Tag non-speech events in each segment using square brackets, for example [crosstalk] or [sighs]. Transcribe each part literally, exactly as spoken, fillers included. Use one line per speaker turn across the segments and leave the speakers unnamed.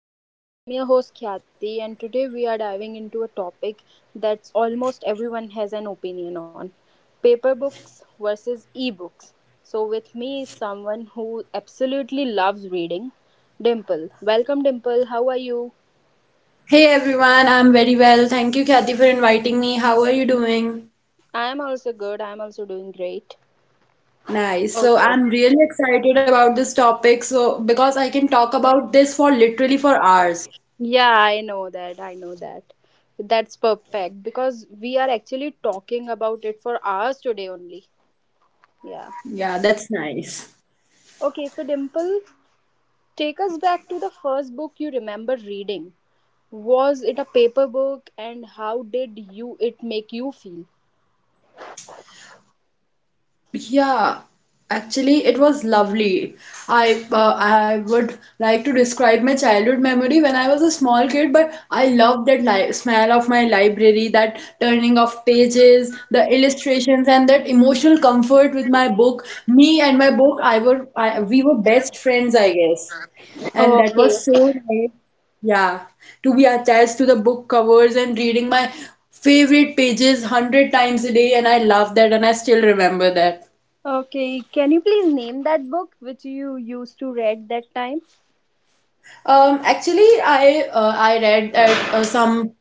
So, I'm your host Khyati, and today we are diving into a topic that's almost everyone has an opinion on: paper books versus ebooks. So, with me is someone who absolutely loves reading, Dimple. Welcome, Dimple. How are you?
Hey everyone, I'm very well. Thank you, Kathy, for inviting me. How are you doing?
I am also good, I am also doing great.
Nice. So
Okay.
I'm really excited about this topic, so because I can talk about this for literally for hours.
Yeah, I know that. I know that. That's perfect because we are actually talking about it for hours today only. Yeah.
Yeah, that's nice.
Okay, so Dimple, take us back to the first book you remember reading. Was it a paper book and how did you it make you feel?
Yeah, actually, it was lovely. I uh, I would like to describe my childhood memory when I was a small kid, but I loved that li smell of my library, that turning of pages, the illustrations, and that emotional comfort with my book. Me and my book, I were I, we were best friends, I guess, and that
Okay.
was so nice. Yeah, to be attached to the book covers and reading my favorite pages one hundred times a day, and I love that, and I still remember that.
Okay, can you please name that book which you used to read that time?
Um, actually, I uh, I read that uh, some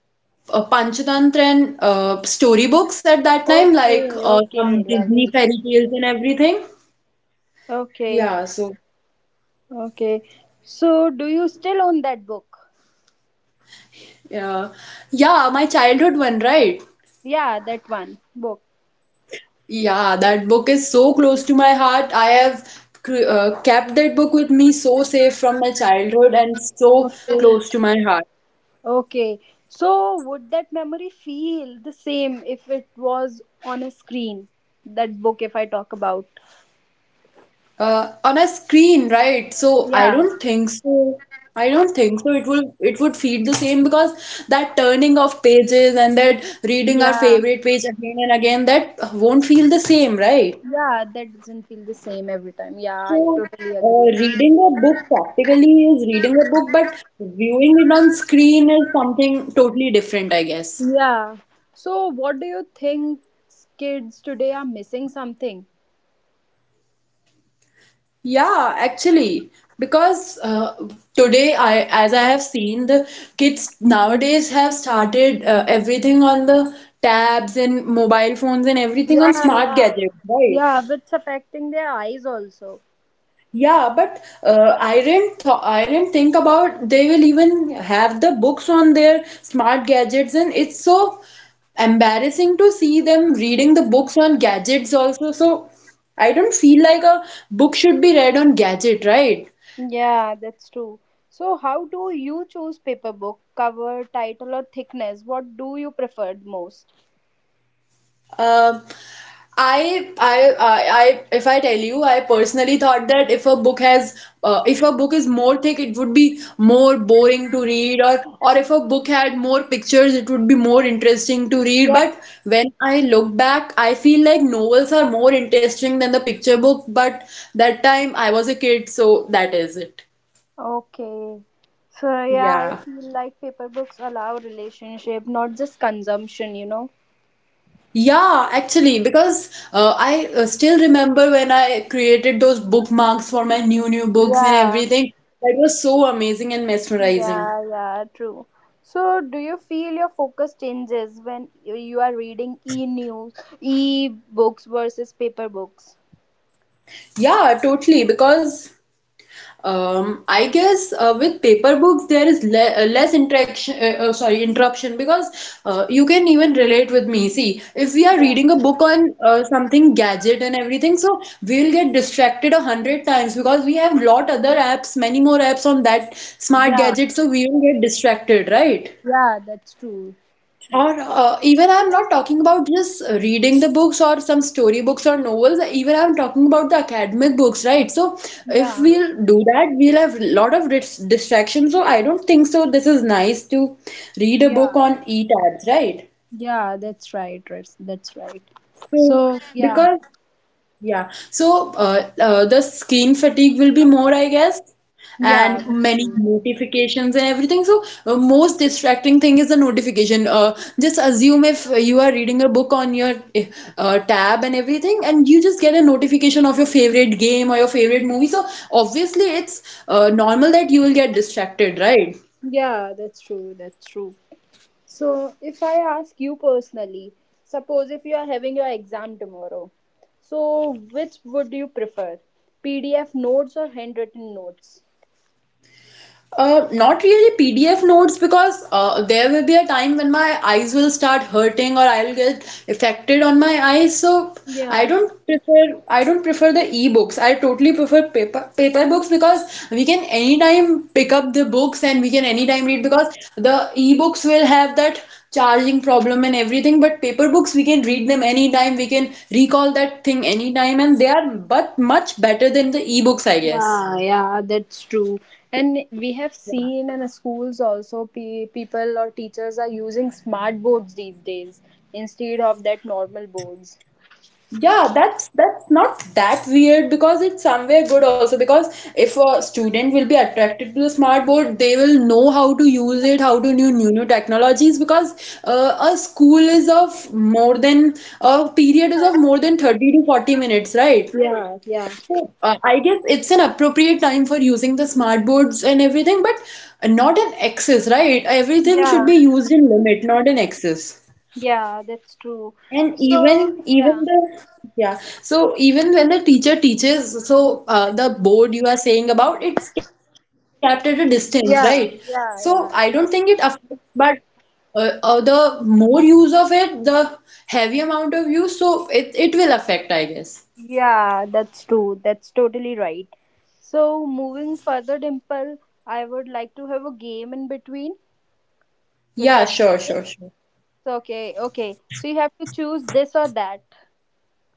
uh, Panchatantra and uh, storybooks at that time, like
Okay,
uh, some
okay,
Disney
lovely.
fairy tales and everything.
Okay,
Yeah, so
okay. So do you still own that book?
yeah, yeah, my childhood one, right?
Yeah, that one book.
Yeah, that book is so close to my heart. I have cr- uh, kept that book with me so safe from my childhood and so
Okay.
close to my heart.
Okay. So would that memory feel the same if it was on a screen? That book, if I talk about.
Uh, on a screen, right? So I
Yeah.
don't think so. I don't think so. It will it would feed the same because that turning of pages and that reading our
Yeah.
favorite page again and again, that won't feel the same, right?
Yeah, that doesn't feel the same every time. Yeah, I
So,
totally
uh,
agree.
reading a book practically is reading a book, but viewing it on screen is something totally different, I guess.
Yeah. So what do you think, kids today are missing something?
Yeah, actually, because uh, today I, as I have seen, the kids nowadays have started uh, everything on the tabs and mobile phones and everything on
Yeah,
smart
yeah.
gadgets, right?
Yeah, it's affecting their eyes also.
Yeah, but uh, I didn't th I didn't think about they will even have the books on their smart gadgets, and it's so embarrassing to see them reading the books on gadgets also. So I don't feel like a book should be read on gadget, right?
Yeah, that's true. So how do you choose paper book, cover, title or thickness? What do you prefer the most?
Um, I, I, I, I, if I tell you, I personally thought that if a book has, uh, if a book is more thick, it would be more boring to read, or or if a book had more pictures, it would be more interesting to read. But when I look back, I feel like novels are more interesting than the picture book. But that time I was a kid, so that is it.
Okay. So yeah, I
Yeah.
feel like paper books allow relationship, not just consumption, you know.
Yeah, actually, because uh, I uh, still remember when I created those bookmarks for my new new books and
Yeah.
everything. That was so amazing and mesmerizing.
Yeah, yeah, true. So do you feel your focus changes when you you are reading e-news, e-books versus paper books?
Yeah, totally, because Um, I guess uh, with paper books there is le uh, less interaction. Uh, uh, sorry, interruption because uh, you can even relate with me. See, if we are
Yeah.
reading a book on uh, something gadget and everything, so we'll get distracted a hundred times because we have lot other apps, many more apps on that smart
Yeah.
gadget, so we will get distracted, right?
Yeah, that's true.
Or uh, even I'm not talking about just reading the books or some story books or novels. Even I'm talking about the academic books, right? So if
Yeah.
we'll do that, we'll have a lot of dis distractions. So I don't think so. This is nice to read a book
Yeah.
on e-tabs, right?
Yeah, that's right. That's that's right.
So
So yeah.
because yeah. So uh, uh, the screen fatigue will be more, I guess, and
Yeah, that's
many
true.
notifications and everything. So uh, most distracting thing is the notification. Uh, just assume if you are reading a book on your eh, uh, tab and everything, and you just get a notification of your favorite game or your favorite movie. So obviously, it's uh, normal that you will get distracted, right?
Yeah, that's true. That's true. So, if I ask you personally, suppose if you are having your exam tomorrow, so which would you prefer? P D F notes or handwritten notes?
Uh, not really P D F notes because uh, there will be a time when my eyes will start hurting or I'll get affected on my eyes. So I
Yeah.
don't prefer I don't prefer the e-books. I totally prefer paper paper books because we can anytime pick up the books and we can anytime read because the e-books will have that charging problem and everything. But paper books we can read them anytime. We can recall that thing anytime, and they are but much better than the e-books, I guess.
Yeah, yeah, that's true. And we have seen in schools also pe- people or teachers are using smart boards these days instead of that normal boards.
Yeah, that's that's not that weird because it's somewhere good also because if a student will be attracted to the smart board, they will know how to use it, how to new new new technologies because uh, a school is of more than a period is of more than thirty to forty minutes, right?
Yeah, yeah,
So, uh, I guess it's an appropriate time for using the smart boards and everything, but not in excess, right? Everything should
yeah,
be used in limit, not in excess.
yeah, that's true.
And
So,
even
yeah,
even the Yeah, so even when the teacher teaches, so uh, the board you are saying about it's kept at a distance, right?
yeah,
So I don't
yeah,
think it
yeah.
affects, but uh, uh, the more use of it, the heavy amount of use, so it it will affect, I guess.
Yeah, that's true. That's totally right. So, moving further, Dimple, I would like to have a game in between. Will
Yeah,
that be
sure,
okay?
sure, sure.
So, okay, okay. So you have to choose this or that.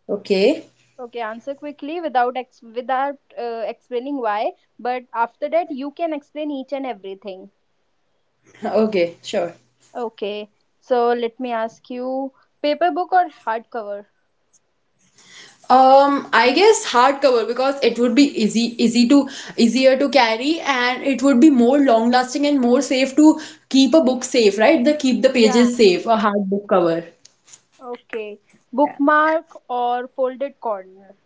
Okay,
Okay, answer quickly without ex- without uh, explaining why. But after that, you can explain each and everything.
[laughs] okay, sure.
Okay. So let me ask you: paper book or hardcover?
Um, I guess hardcover because it would be easy, easy to easier to carry, and it would be more long lasting and more safe to keep a book safe, right? The keep the
Yeah.
pages safe, a hard book cover.
Okay.
Yeah.
Bookmark or folded corner?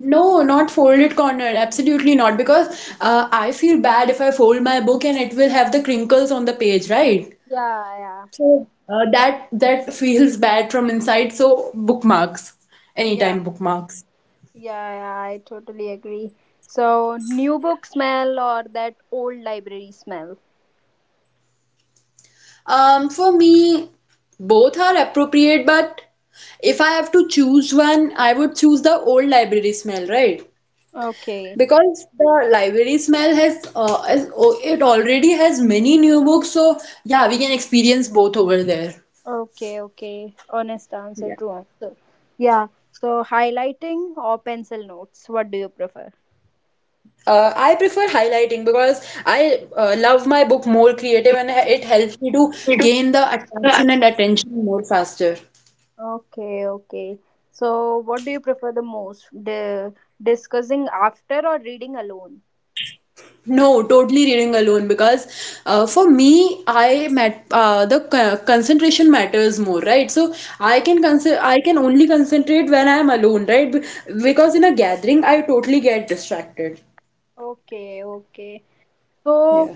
No, not folded corner. Absolutely not, because uh, I feel bad if I fold my book and it will have the crinkles on the page, right?
Yeah, yeah.
So uh, that that [laughs] feels bad from inside. So bookmarks,
Yeah.
anytime bookmarks.
Yeah, yeah, I totally agree. So, new book smell or that old library smell?
Um, for me, both are appropriate, but if I have to choose one, I would choose the old library smell, right?
Okay,
Because the library smell has, uh, is, oh, it already has many new books, so yeah, we can experience both over there.
okay, okay. Honest answer,
Yeah.
true answer. Yeah, so highlighting or pencil notes? What do you prefer?
Uh, I prefer highlighting because I uh, love my book more creative and it helps me to
We do.
gain the attraction and attention more faster.
Okay, okay. So, what do you prefer the most? The discussing after or reading alone?
No, totally reading alone because uh, for me, I met uh, the co- concentration matters more, right? So I can
Okay,
consider I can only concentrate when I am alone, right? Be- Because in a gathering, I totally get distracted.
okay, okay. So,
Yeah.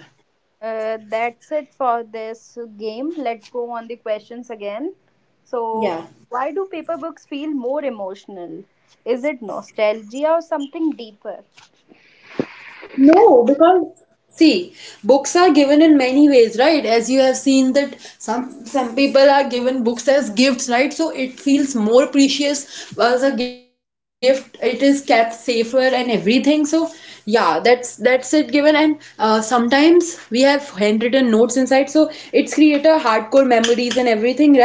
Uh, that's it for this game. Let's go on the questions again. So,
Yeah.
why do paper books feel more emotional? Is it nostalgia or something deeper?
No, because see, books are given in many ways, right? As you have seen that some some people are given books as gifts, right? So it feels more precious as a gift. It is kept safer and everything. So yeah, that's that's it given. And uh, sometimes we have handwritten notes inside, so it's create a hardcore memories and everything, right?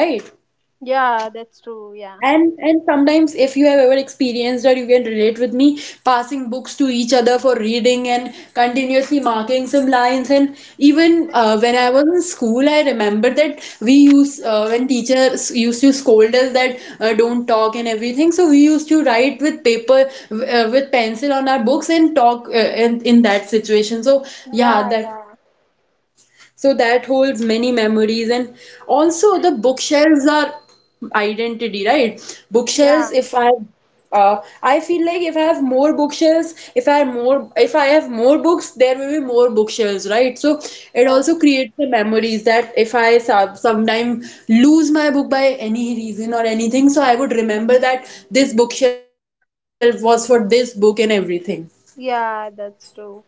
Yeah, that's true. Yeah.
And and sometimes if you have ever experienced or you can relate with me, passing books to each other for reading and continuously marking some lines and even uh, when I was in school, I remember that we used uh, when teachers used to scold us that uh, don't talk and everything. So we used to write with paper uh, with pencil on our books and talk uh, in in that situation. So yeah,
Yeah,
that
yeah.
so that holds many memories. And also, the bookshelves are identity, right?
Yeah,
Bookshelves, if I uh, I feel like if I have more bookshelves, if I have more, if I have more books, there will be more bookshelves, right? So it
yeah.
also creates the memories that if I sub sometime lose my book by any reason or anything, so I would remember that this bookshelf was for this book and everything.
Yeah, that's true.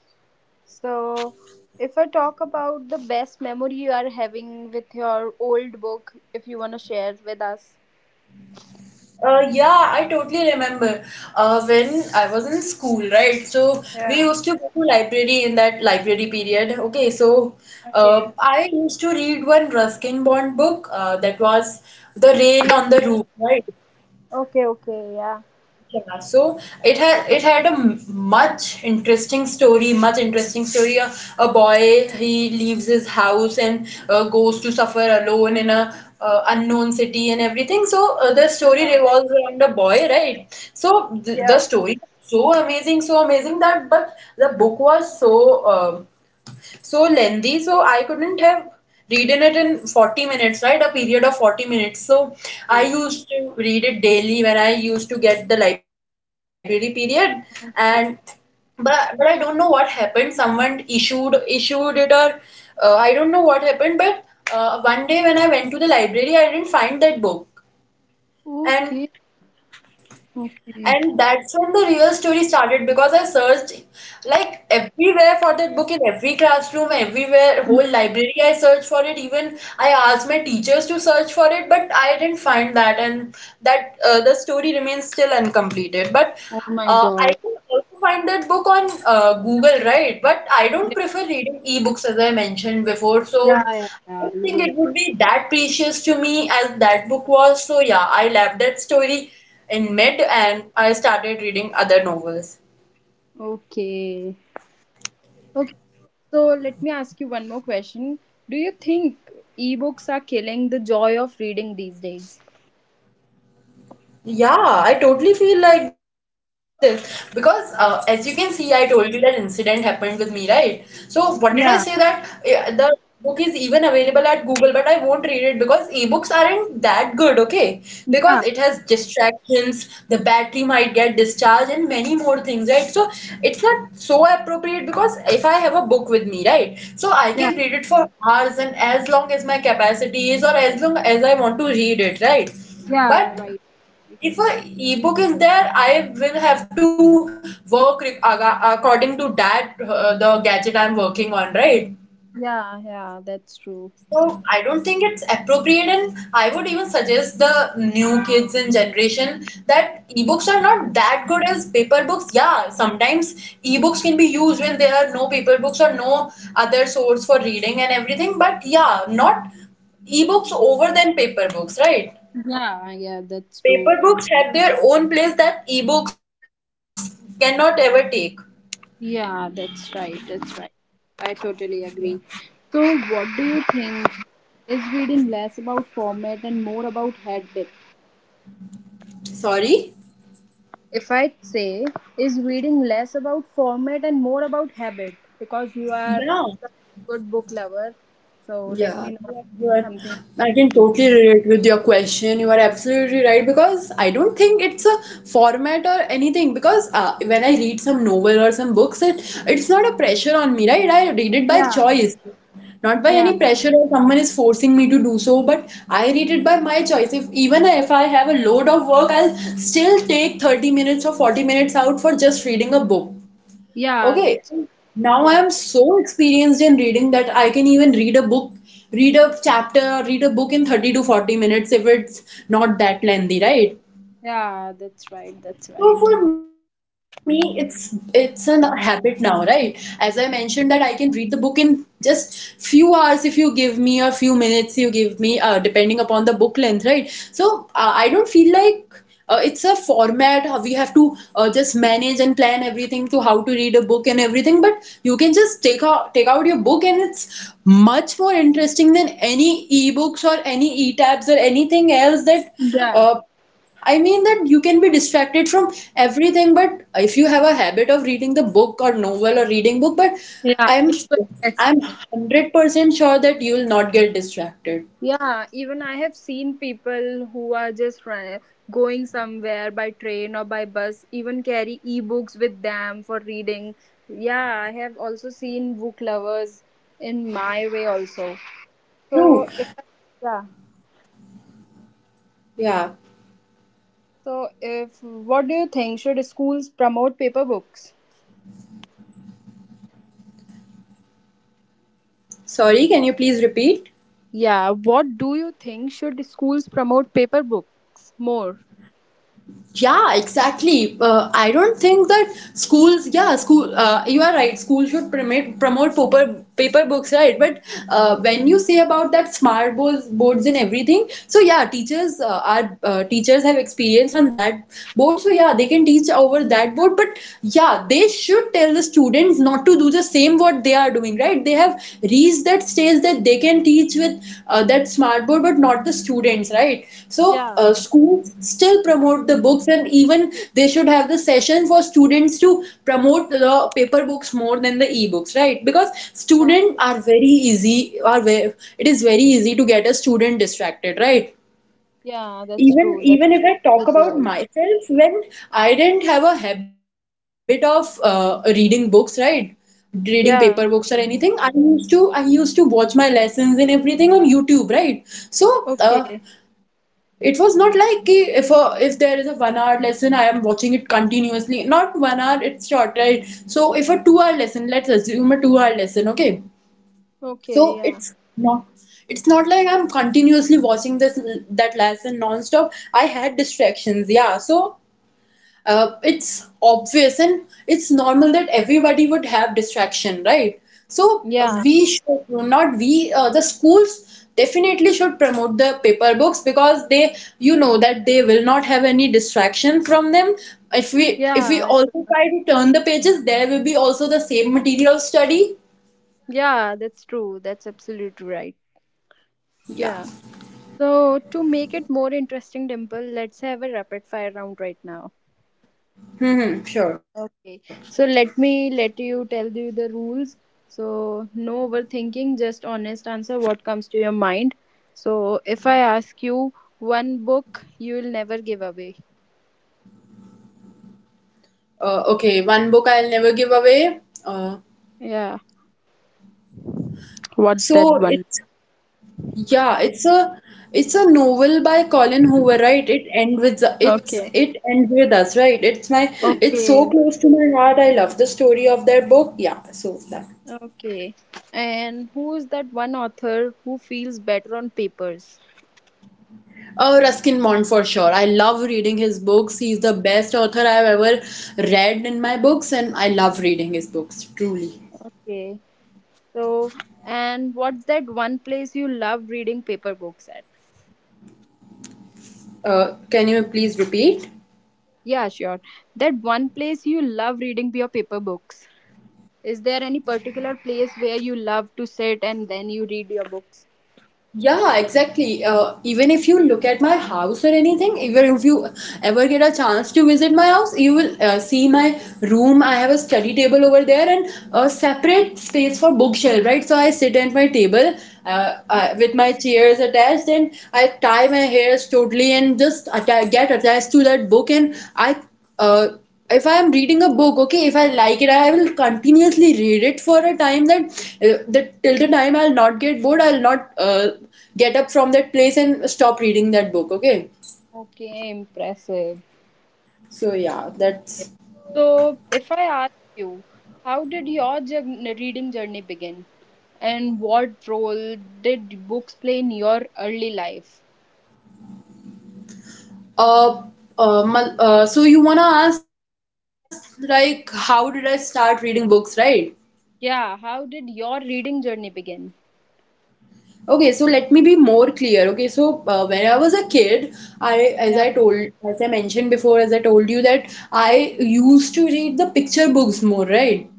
So, if I talk about the best memory you are having with your old book, if you want to share with us.
Uh, yeah, I totally remember. Uh, when I was in school, right? So we
Yeah.
used to go to library in that library period. Okay, so uh,
Okay.
I used to read one Ruskin Bond book. Uh, that was The Rain on the Roof, right?
Okay, okay. Yeah.
Yeah, so it had it had a m- much interesting story, much interesting story. A, a boy he leaves his house and uh, goes to suffer alone in a uh, unknown city and everything. So uh, the story revolves around a boy, right? So th- the
Yeah.
story was so amazing, so amazing that but the book was so. um so lengthy, so I couldn't have reading it in forty minutes, right? A period of forty minutes, so I
Okay.
used to read it daily when I used to get the library period. And but but I don't know what happened, someone issued issued it, or uh, I don't know what happened, but uh, one day when I went to the library I didn't find that book. and
Okay. Okay.
and that's when the real story started because I searched like everywhere for that book in every classroom, everywhere, whole library. I searched for it. Even I asked my teachers to search for it, but I didn't find that, and that uh, the story remains still uncompleted. But
Oh my
uh, I
God.
can also find that book on uh, Google, right? But I don't
Yeah,
prefer reading ebooks as I mentioned before,
yeah,
so
yeah,
I
yeah.
don't
You
think
don't.
it would be that precious to me as that book was. So yeah, I left that story in mid and I started reading other novels.
Okay. Okay. So let me ask you one more question. Do you think ebooks are killing the joy of reading these days?
Yeah, I totally feel like this because uh, as you can see, I told you that incident happened with me, right? So what did I say that
Yeah.
uh, the book is even available at Google, but I won't read it because ebooks aren't that good, okay? Because it has
Yeah.
distractions, the battery might get discharged, and many more things, right? So it's not so appropriate because if I have a book with me, right? So I can
Yeah.
read it for hours and as long as my capacity is or as long as I want to read it, right?
Yeah.
But
Right.
if a ebook is there, I will have to work re- aga- according to that, uh, the gadget I'm working on, right?
Yeah. Yeah. That's true.
So I don't think it's appropriate, and I would even suggest the new kids in generation that ebooks are not that good as paper books. Yeah, sometimes ebooks can be used when there are no paper books or no other source for reading and everything, but yeah, not ebooks over than paper books, right?
Yeah. Yeah. That's true.
Paper books have their own place that ebooks cannot ever take.
Yeah. That's right. That's right. I totally agree. So what do you think? Is reading less about format and more about habit?
Sorry?
If I'd say, is reading less about format and more about habit because you are
Yeah.
a good book lover. So let
Yeah,
me know
you are, you are-
something.
I can
Good.
totally relate with your question. You are absolutely right because I don't think it's a format or anything. Because uh, when I read some novel or some books, it it's not a pressure on me, right? I read it by
Yeah,
choice, not by
yeah,
any pressure or someone is forcing me to do so. But I read it by my choice. If even if I have a load of work, I'll still take thirty minutes or forty minutes out for just reading a book.
yeah.
Okay,
That's
now I
yeah,
am so experienced in reading that I can even read a book, read a chapter, read a book in thirty to forty minutes if it's not that lengthy, right?
yeah. That's right. That's
So
right.
for me, it's it's a n- habit now, right? As I mentioned that I can read the book in just few hours if you give me or few minutes you give me, uh, depending upon the book length, right? So uh, I don't feel like uh, it's a format how we have to uh, just manage and plan everything to how to read a book and everything. But you can just take out take out your book, and it's much more interesting than any ebooks or any e-tabs or anything else that.
Yeah,
Uh, I mean that you can be distracted from everything, but if you have a habit of reading the book or novel or reading book, but
yeah.
I'm
It's so
I'm
interesting.
hundred percent sure that you'll not get distracted.
Yeah, even I have seen people who are just ri- going somewhere by train or by bus, even carry e-books with them for reading. Yeah, I have also seen book lovers in my way also.
True.
So if yeah,
Yeah.
so if what do you think, should schools promote paper books?
Sorry, can you please repeat?
Yeah, what do you think, should schools promote paper books more?
Yeah, exactly. Uh, I don't think that schools, yeah, school, uh, you are right, school should promote promote paper paper books, right? But uh, when you say about that smart boards, boards and everything, so yeah, teachers uh, are uh, teachers have experience on that board, so yeah, they can teach over that board. But yeah, they should tell the students not to do the same what what they are doing, right? They have reached that stage that they can teach with uh, that smart board, but not the students, right? So
Yeah,
uh, schools still promote the books, and even they should have the session for students to promote the paper books more than the e-books, right? Because
yeah,
students are very easy are very, it is very easy to get a student distracted, right?
yeah. That's true.
even
That's
even if I talk
true.
about
Right.
myself, when I didn't have a habit of uh, reading books, right? Reading paper books or
Yeah.
anything, I used to I used to watch my lessons and everything on YouTube, right? So uh,
Okay.
it was not like कि if a, if there is a one hour lesson, I am watching it continuously. Not one hour, it's short, right? So if a two hour lesson, let's assume a two hour lesson, okay? So
Okay. Yeah.
it's not it's not like I'm continuously watching this that lesson non-stop. I had distractions, yeah. So uh, it's obvious, and it's normal that everybody would have distraction, right? So uh,
Yeah,
we should not we uh, the schools definitely should promote the paper books because they, you know, that they will not have any distraction from them. If we
yeah,
if we
I
also
t-
try to turn the pages, there will be also the same material study.
yeah, that's true. That's absolutely right.
Yeah.
Yeah. So, to make it more interesting, Dimple, let's have a rapid fire round right now.
Hmm, sure.
Okay. So, let me let you tell you the rules. So, no overthinking, just honest answer what comes to your mind. So, if I ask you, one book you will never give away.
Uh, okay, one book I'll never give away. Uh,
Yeah. What's
so
that one?
it's yeah, it's a it's a novel by Colin Hoover, right? It ends with the- it's
Okay.
it ends with us, right? It's my, it's so
Okay.
close to my heart. I love the story of that book. Yeah, so that.
Okay. And who is that one author who feels better on papers?
Oh, Ruskin Bond for sure. I love reading his books. He's the best author I've ever read in my books, and I love reading his books, truly.
Okay. So, and what's that one place you love reading paper books at?
Uh, can you please repeat?
Yeah, sure. That one place you love reading your paper books. Is there any particular place where you love to sit and then you read your books?
Yeah, exactly. Uh, even if you look at my house or anything, even if you ever get a chance to visit my house, you will uh, see my room. I have a study table over there and a separate space for bookshelf, right? So I sit at my table uh,
Yeah.
uh, with my chairs attached, and I tie my hairs totally and just atta- get attached to that book, and I, uh, if I am reading a book, okay, if I like it, I will continuously read it for a time that, uh, that till the time I'll not get bored, I'll not uh, get up from that place and stop reading that book, okay?
Okay, impressive.
So yeah, that's,
So, if I ask you, how did your jour- reading journey begin? And what role did books play in your early life?
uh, uh, mal- uh so you wanna ask like how did I start reading books, right?
Yeah, how did your reading journey begin?
Okay, so let me be more clear, okay? So uh, when I was a kid, I, as
Yeah,
i told as I mentioned before, as I told you that I used to read the picture books more, right?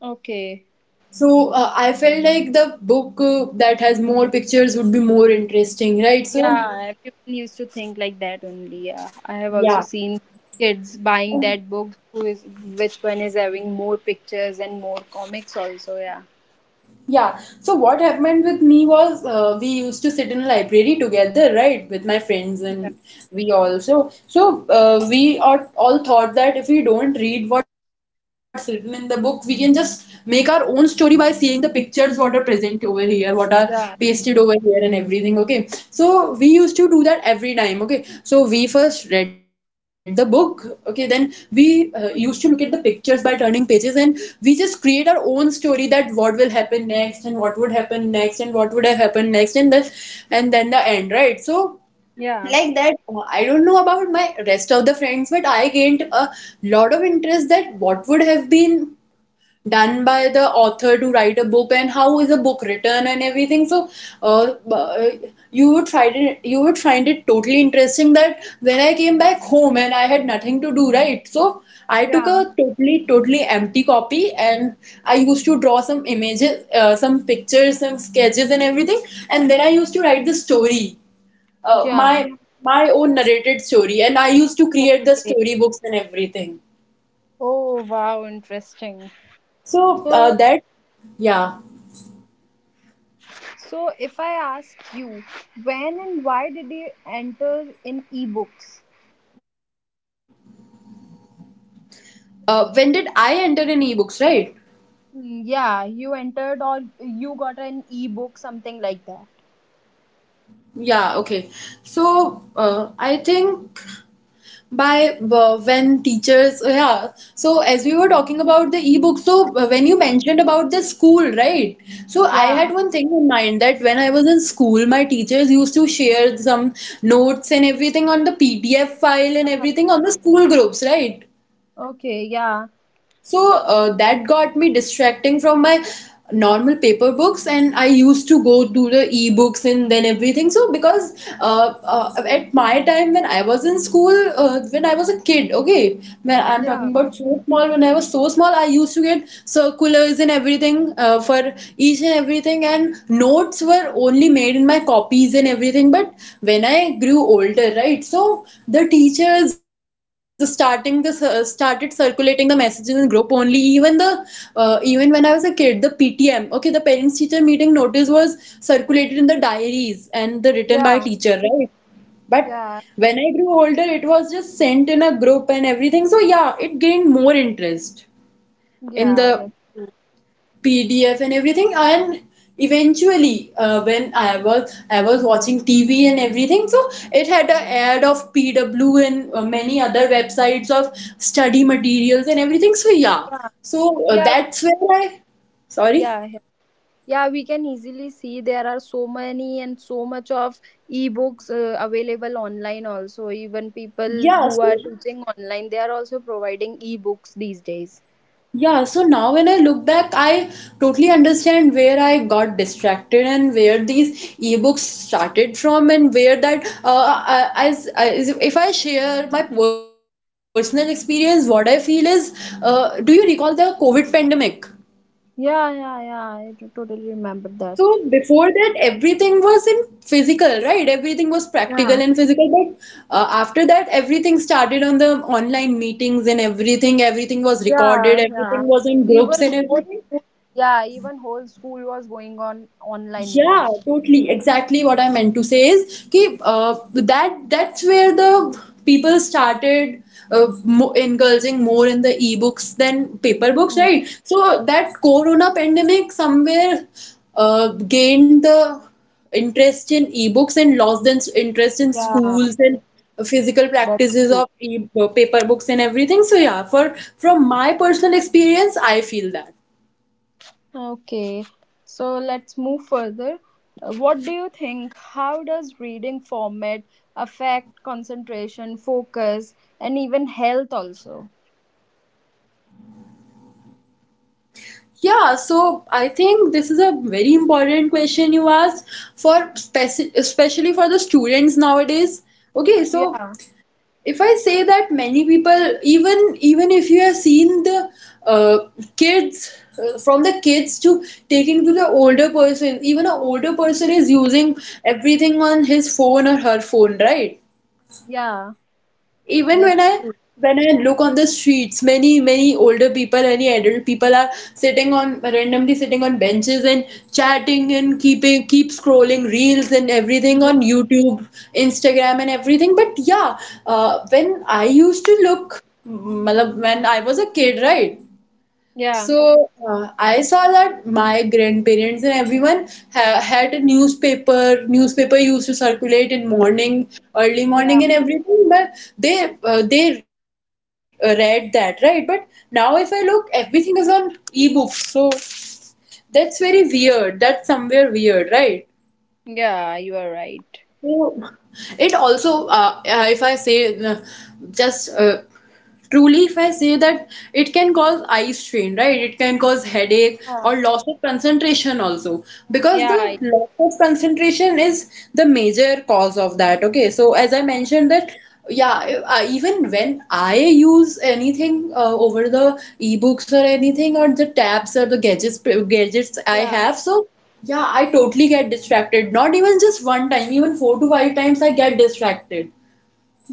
okay.
So uh, I felt like the book uh, that has more pictures would be more interesting, right?
Yeah,
So
everyone used to think like that only. Yeah, I have also
yeah,
seen kids buying that book who is which one is having more pictures and more comics also. Yeah.
yeah. So what happened with me was, uh, we used to sit in a library together, right, with my friends
Yeah.
and we also. So so, uh, we are all thought that if we don't read what's written in the book, we can just make our own story by seeing the pictures what are present over here, what are
Yeah.
pasted over year and everything, okay? So we used to do that every time, okay? So we first read the book, okay, then we uh, used to look at the pictures by turning pages, and we just create our own story that what will happen next and what would happen next and what would have happened next and this, and then the end, right? So
Yeah.
like that, uh, I don't know about my rest of the friends, but I gained a lot of interest that what would have been done by the author to write a book and how is a book written and everything. So uh, uh, you would find it you would find it totally interesting that when I came back home and I had nothing to do, right? So I took a
Yeah.
totally totally empty copy, and I used to draw some images, uh, some pictures, some sketches and everything, and then I used to write the story, uh,
Yeah.
my my own narrated story, and I used to create the
Okay.
storybooks and everything.
Oh wow, interesting.
So uh,
So,
that yeah.
so if I ask you, when and why did you enter in ebooks?
Uh, when did I enter in ebooks, right?
Mm, yeah, you entered or you got an ebook, something like that.
Yeah, okay. So uh, I think by uh, when teachers, uh, yeah. So as we were talking about the e ebooks, so uh, when you mentioned about the school, right? So I had
Yeah.
one thing in mind that when I was in school, my teachers used to share some notes and everything on the P D F file and
Yeah.
everything on the school groups, right?
Okay. Yeah.
So uh, that got me distracting from my normal paper books, and I used to go to the e-books and then everything. So because uh, uh, at my time when I was in school, uh, when I was a kid, okay, when I'm
Yeah.
talking about so small, when I was so small, I used to get circulars and everything uh, for each and everything, and notes were only made in my copies and everything. But when I grew older, right? So the teachers starting the cir- started circulating the messages in group only. Even the uh, even when I was a kid, the P T M, okay, the parents teacher meeting notice was circulated in the diaries and the written by
Yeah.
teacher, right? But
Yeah.
when I grew older, it was just sent in a group and everything. So yeah, it gained more interest in
Yeah.
the
That's true.
P D F and everything. And eventually, uh, when I was I was watching T V and everything, so it had an ad of P W and uh, many other websites of study materials and everything. So yeah,
Yeah.
so uh,
Yeah.
that's where I. Sorry.
Yeah. Yeah. Yeah, we can easily see there are so many and so much of ebooks uh, available online also. Even people
Yeah.
who are
So
teaching online, they are also providing ebooks these days.
Yeah, so now when I look back, I totally understand where I got distracted and where these ebooks started from, and where that uh, I- as, as if I share my personal experience, what I feel is, uh, do you recall the COVID pandemic?
Yeah, yeah, yeah. I t- totally remember
So
that.
before that, everything was in physical, right? Everything was practical and
Yeah,
physical. But uh, after that, everything started on the online meetings and everything. Everything was recorded.
yeah, yeah.
Everything was in
Even
groups and
whole school,
everything.
yeah, even whole school was going on online
Yeah,
mode.
totally. Exactly what I meant to say is कि, uh, that that's where the people started uh, mo indulging more in the e-books than paper books,
Hmm,
right? So that corona pandemic somewhere uh, gained the interest in e-books and lost the interest in
yeah,
schools and physical
that's
practices of e uh, paper books and everything. So yeah, for from my personal experience, I feel that.
okay. So let's move further. Uh, What do you think? How does reading format affect concentration, focus, and even health also?
Yeah, so I think this is a very important question you asked for speci- especially for the students nowadays. Okay, so
Yeah,
if I say that many people, even even if you have seen the uh, kids uh, from the kids to taking to the older person, even an older person is using everything on his phone or her phone, right?
yeah,
even when i
that's true.
when i look on the streets, many many older people, any adult people are sitting on randomly sitting on benches and chatting and keeping keep scrolling reels and everything
Yeah,
on YouTube, Instagram and everything. But yeah, uh, when I used to look mm, matlab, when I was a kid, right?
yeah,
So uh, I saw that my grandparents and everyone ha had a newspaper. Newspaper used to circulate in morning, early morning,
yeah,
and everything. But they uh, they read that, right? But now if I look, everything is on ebooks. So that's very weird. That's somewhere weird, right?
yeah, you are right.
So, It also, uh, uh, if I say, uh, just uh, truly, if I say, that it can cause eye strain, right? It can cause headache
Yeah,
or loss of concentration also, because
yeah,
the loss of concentration is the major cause of that. Okay, so as I mentioned that. Yeah, uh, even when I use anything uh, over the ebooks or anything or the tabs or the gadgets gadgets I
yeah.
have, so yeah, I totally get distracted. Not even just one time, even four to five times I get distracted.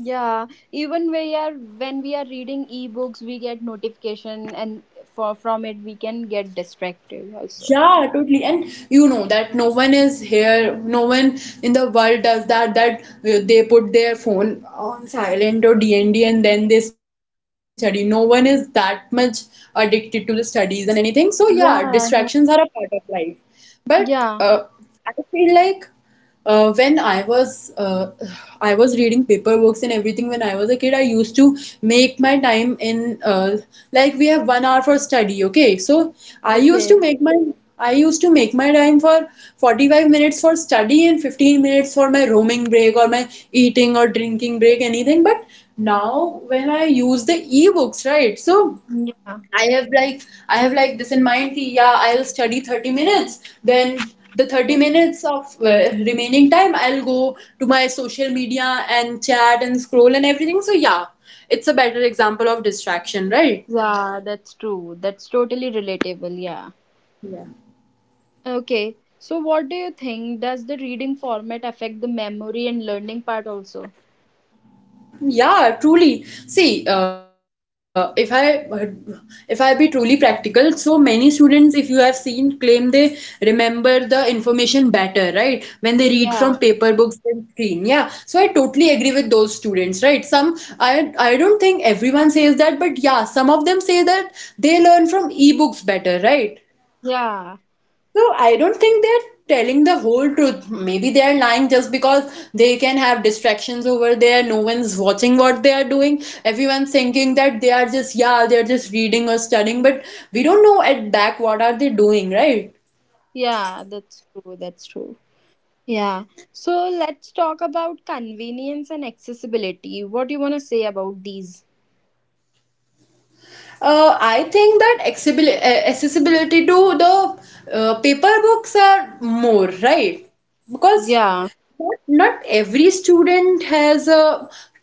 Yeah, even we are when we are reading ebooks, we get notification, and for from it we can get distracted also.
Yeah, totally. And you know that no one is here, no one in the world does that, that uh, they put their phone on silent or D N D and then they study. No one is that much addicted to the studies and anything. So yeah, distractions are
Yeah,
a
yeah,
part of life. But uh,
yeah.
I feel like uh, when I was uh, I was reading paper books and everything when I was a kid. I used to make my time in uh, like we have one hour for study. Okay, so I used to
Okay.
make my I used to make my time for forty-five minutes for study and fifteen minutes for my roaming break or my eating or drinking break, anything. But now when I use the ebooks, right? So
Yeah,
I have like I have like this in mind कि yeah, I'll study thirty minutes, then the thirty minutes of uh, remaining time I'll go to my social media and chat and scroll and everything. So yeah, it's a better example of distraction, right?
yeah. That's true. That's totally relatable. Yeah.
Yeah.
Okay. So, what do you think? Does the reading format affect the memory and learning part also?
Yeah, truly. See, uh, if I if I be truly practical, so many students, if you have seen, claim they remember the information better, right? When they read from paper
Yeah,
books and screen. Yeah. So I totally agree with those students, right? Some I I don't think everyone says that, but yeah, some of them say that they learn from ebooks better, right?
yeah,
So I don't think they're telling the whole truth. Maybe they're lying just because they can have distractions over there. No one's watching what they are doing. Everyone's thinking that they are just, yeah, they're just reading or studying, but we don't know at back what are they doing, right?
yeah. That's true. That's true. Yeah. So let's talk about convenience and accessibility. What do you want to say about these?
Uh, I think that accessibil- uh, accessibility to the uh, paper books are more, right? Because
Yeah.
Not not every student has a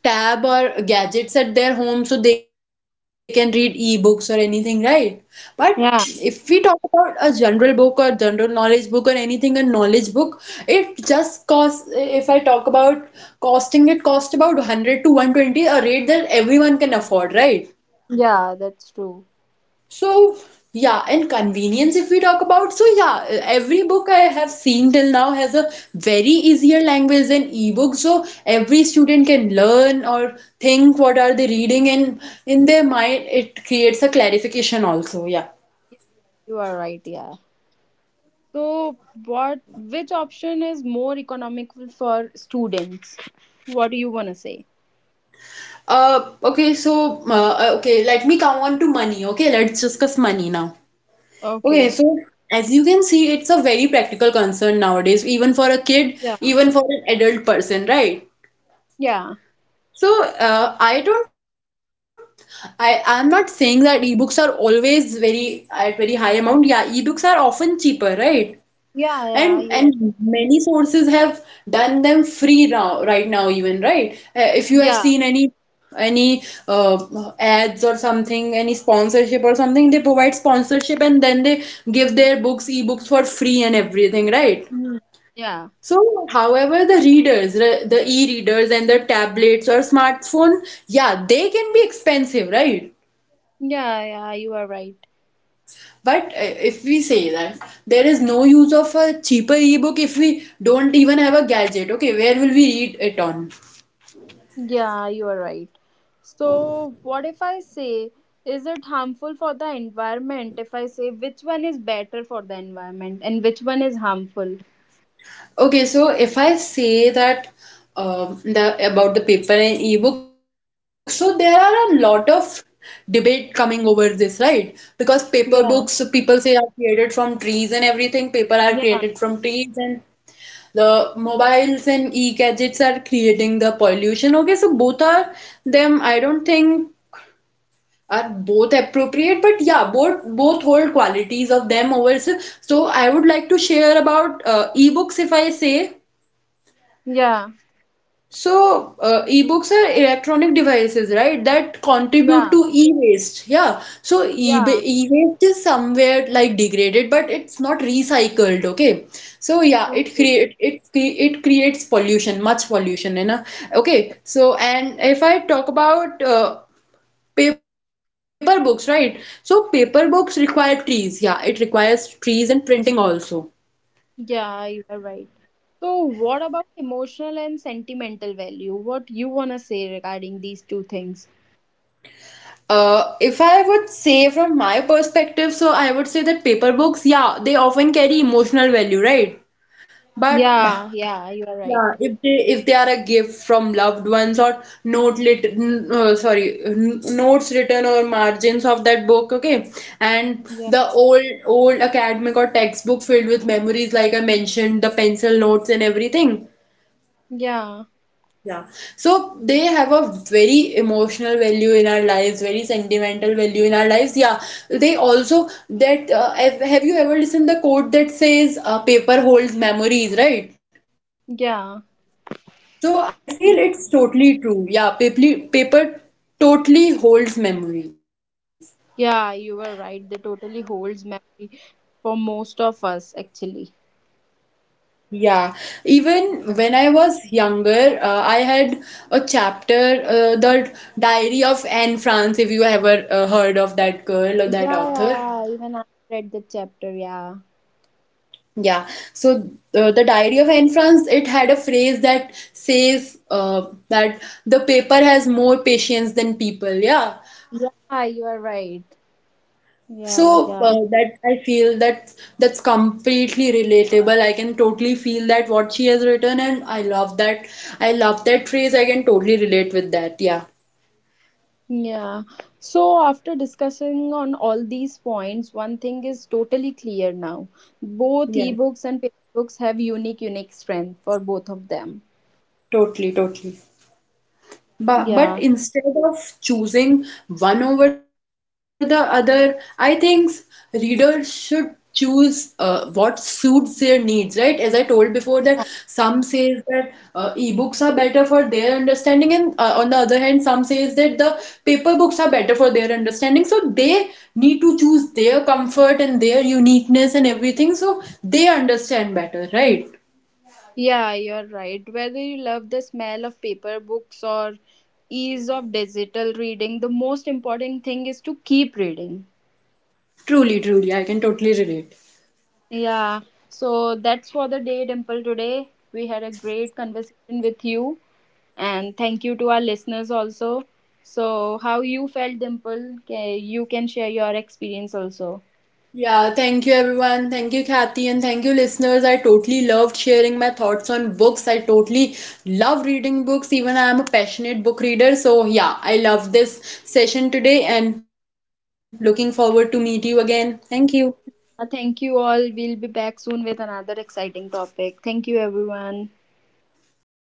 tab or gadgets at their home so they can read ebooks or anything, right? But if we talk
Yeah.
about a general book or general knowledge book or anything, a knowledge book, it just costs, if I talk about costing, it costs about one hundred to one twenty, a rate that everyone can afford, right?
Yeah, that's true.
So, yeah, and convenience if we talk about, so yeah, every book I have seen till now has a very easier language than ebook, so every student can learn or think what are they reading, and in their mind it creates a clarification also, yeah.
You are right, yeah. So what, which option is more economical for students? What do you want to say?
Uh, okay, so uh, uh, okay, let me come on to money. Okay, let's discuss money now. Okay,
Okay.
so as you can see, it's a very practical concern nowadays, even for a kid,
Yeah.
even for an adult person, right?
Yeah.
So uh, I don't I I'm not saying that ebooks are always very at very high amount. Yeah, ebooks are often cheaper, right?
Yeah,
And and
yeah, yeah.
many sources have done them free now, right now even, right? Uh, if you have
Yeah.
seen any any uh, ads or something, any sponsorship or something, they provide sponsorship and then they give their books, ebooks for free and everything, right?
Mm. Yeah.
So, however, the readers, re- the e-readers and the tablets or smartphone, yeah, they can be expensive, right?
Yeah, yeah, you are right.
But uh, if we say that there is no use of a cheaper ebook if we don't even have a gadget, okay, where will we read it on?
Yeah, you are right. So, what if I say, is it harmful for the environment? If I say, which one is better for the environment and which one is harmful?
Okay, so if I say that um, the about the paper and ebook, so there are a lot of debate coming over this, right? Because paper books,
Yeah,
people say are created from trees and everything. Paper are created
yeah,
from trees and the mobiles and e-gadgets are creating the pollution. Okay, so both are them. I don't think are both appropriate, but yeah, both both hold qualities of them over. So, so I would like to share about uh, ebooks if I say.
yeah,
So, uh, e-books are electronic devices, right, that contribute
yeah,
to e-waste. Yeah. So, e-
yeah.
e-waste is somewhere like degraded, but it's not recycled. Okay. So, yeah, it
Okay.
create it cre- it creates pollution, much pollution, you know. Okay. So, and if I talk about uh, paper books, right? So, paper books require trees. Yeah, it requires trees and printing also.
Yeah, you are right. So, what about emotional and sentimental value? What you wanna say regarding these two things?
Uh, if I would say from my perspective, so I would say that paper books, yeah, they often carry emotional value, right? But
Yeah, yeah, you are
[sighs]
right.
yeah, if they if they are a gift from loved ones or note lit, n- uh, sorry, n- notes written or margins of that book, okay, and
Yeah,
the old old academic or textbook filled with memories, like I mentioned, the pencil notes and everything.
yeah,
Yeah. So they have a very emotional value in our lives, very sentimental value in our lives. Yeah. They also that uh, have have you ever listened the quote that says uh, paper holds memories, right?
yeah.
So I feel it's totally true. Yeah, paper paper totally holds memories.
Yeah, you were right. They totally holds memory for most of us, actually.
Yeah, even when I was younger, uh, I had a chapter, uh, the Diary of Anne Frank, if you ever uh, heard of that girl or
Yeah,
that
yeah,
author.
yeah, even I read the chapter. Yeah,
Yeah, so uh, the Diary of Anne Frank, it had a phrase that says uh, that the paper has more patience than people. Yeah,
yeah, you are right. Yeah,
so uh,
yeah,
that I feel that that's completely relatable. I can totally feel that what she has written, and I love that. I love that phrase. I can totally relate with that. Yeah,
yeah. So after discussing on all these points, one thing is totally clear now. Both
yeah,
ebooks and paper books have unique, unique strength for both of them.
totally, totally. But, but
Yeah.
instead of choosing one over the other, I think readers should choose uh, what suits their needs, right? As I told before, that some says that uh, e-books are better for their understanding, and uh, on the other hand, some says that the paper books are better for their understanding. So they need to choose their comfort and their uniqueness and everything, so they understand better, right?
Yeah, you're right. Whether you love the smell of paper books or ease of digital reading, the most important thing is to keep reading.
Truly, truly, I can totally relate.
Yeah, so that's for the day, Dimple, today. We had a great conversation with you, and thank you to our listeners also. So, how you felt, Dimple? Ca- You can share your experience also.
Yeah, thank you everyone. Thank you, Kathy, and thank you, listeners. I totally loved sharing my thoughts on books. I totally love reading books. Even I am a passionate book reader. So, yeah, I love this session today and looking forward to meet you again. Thank you.
Uh, Thank you all. We'll be back soon with another exciting topic. Thank you, everyone.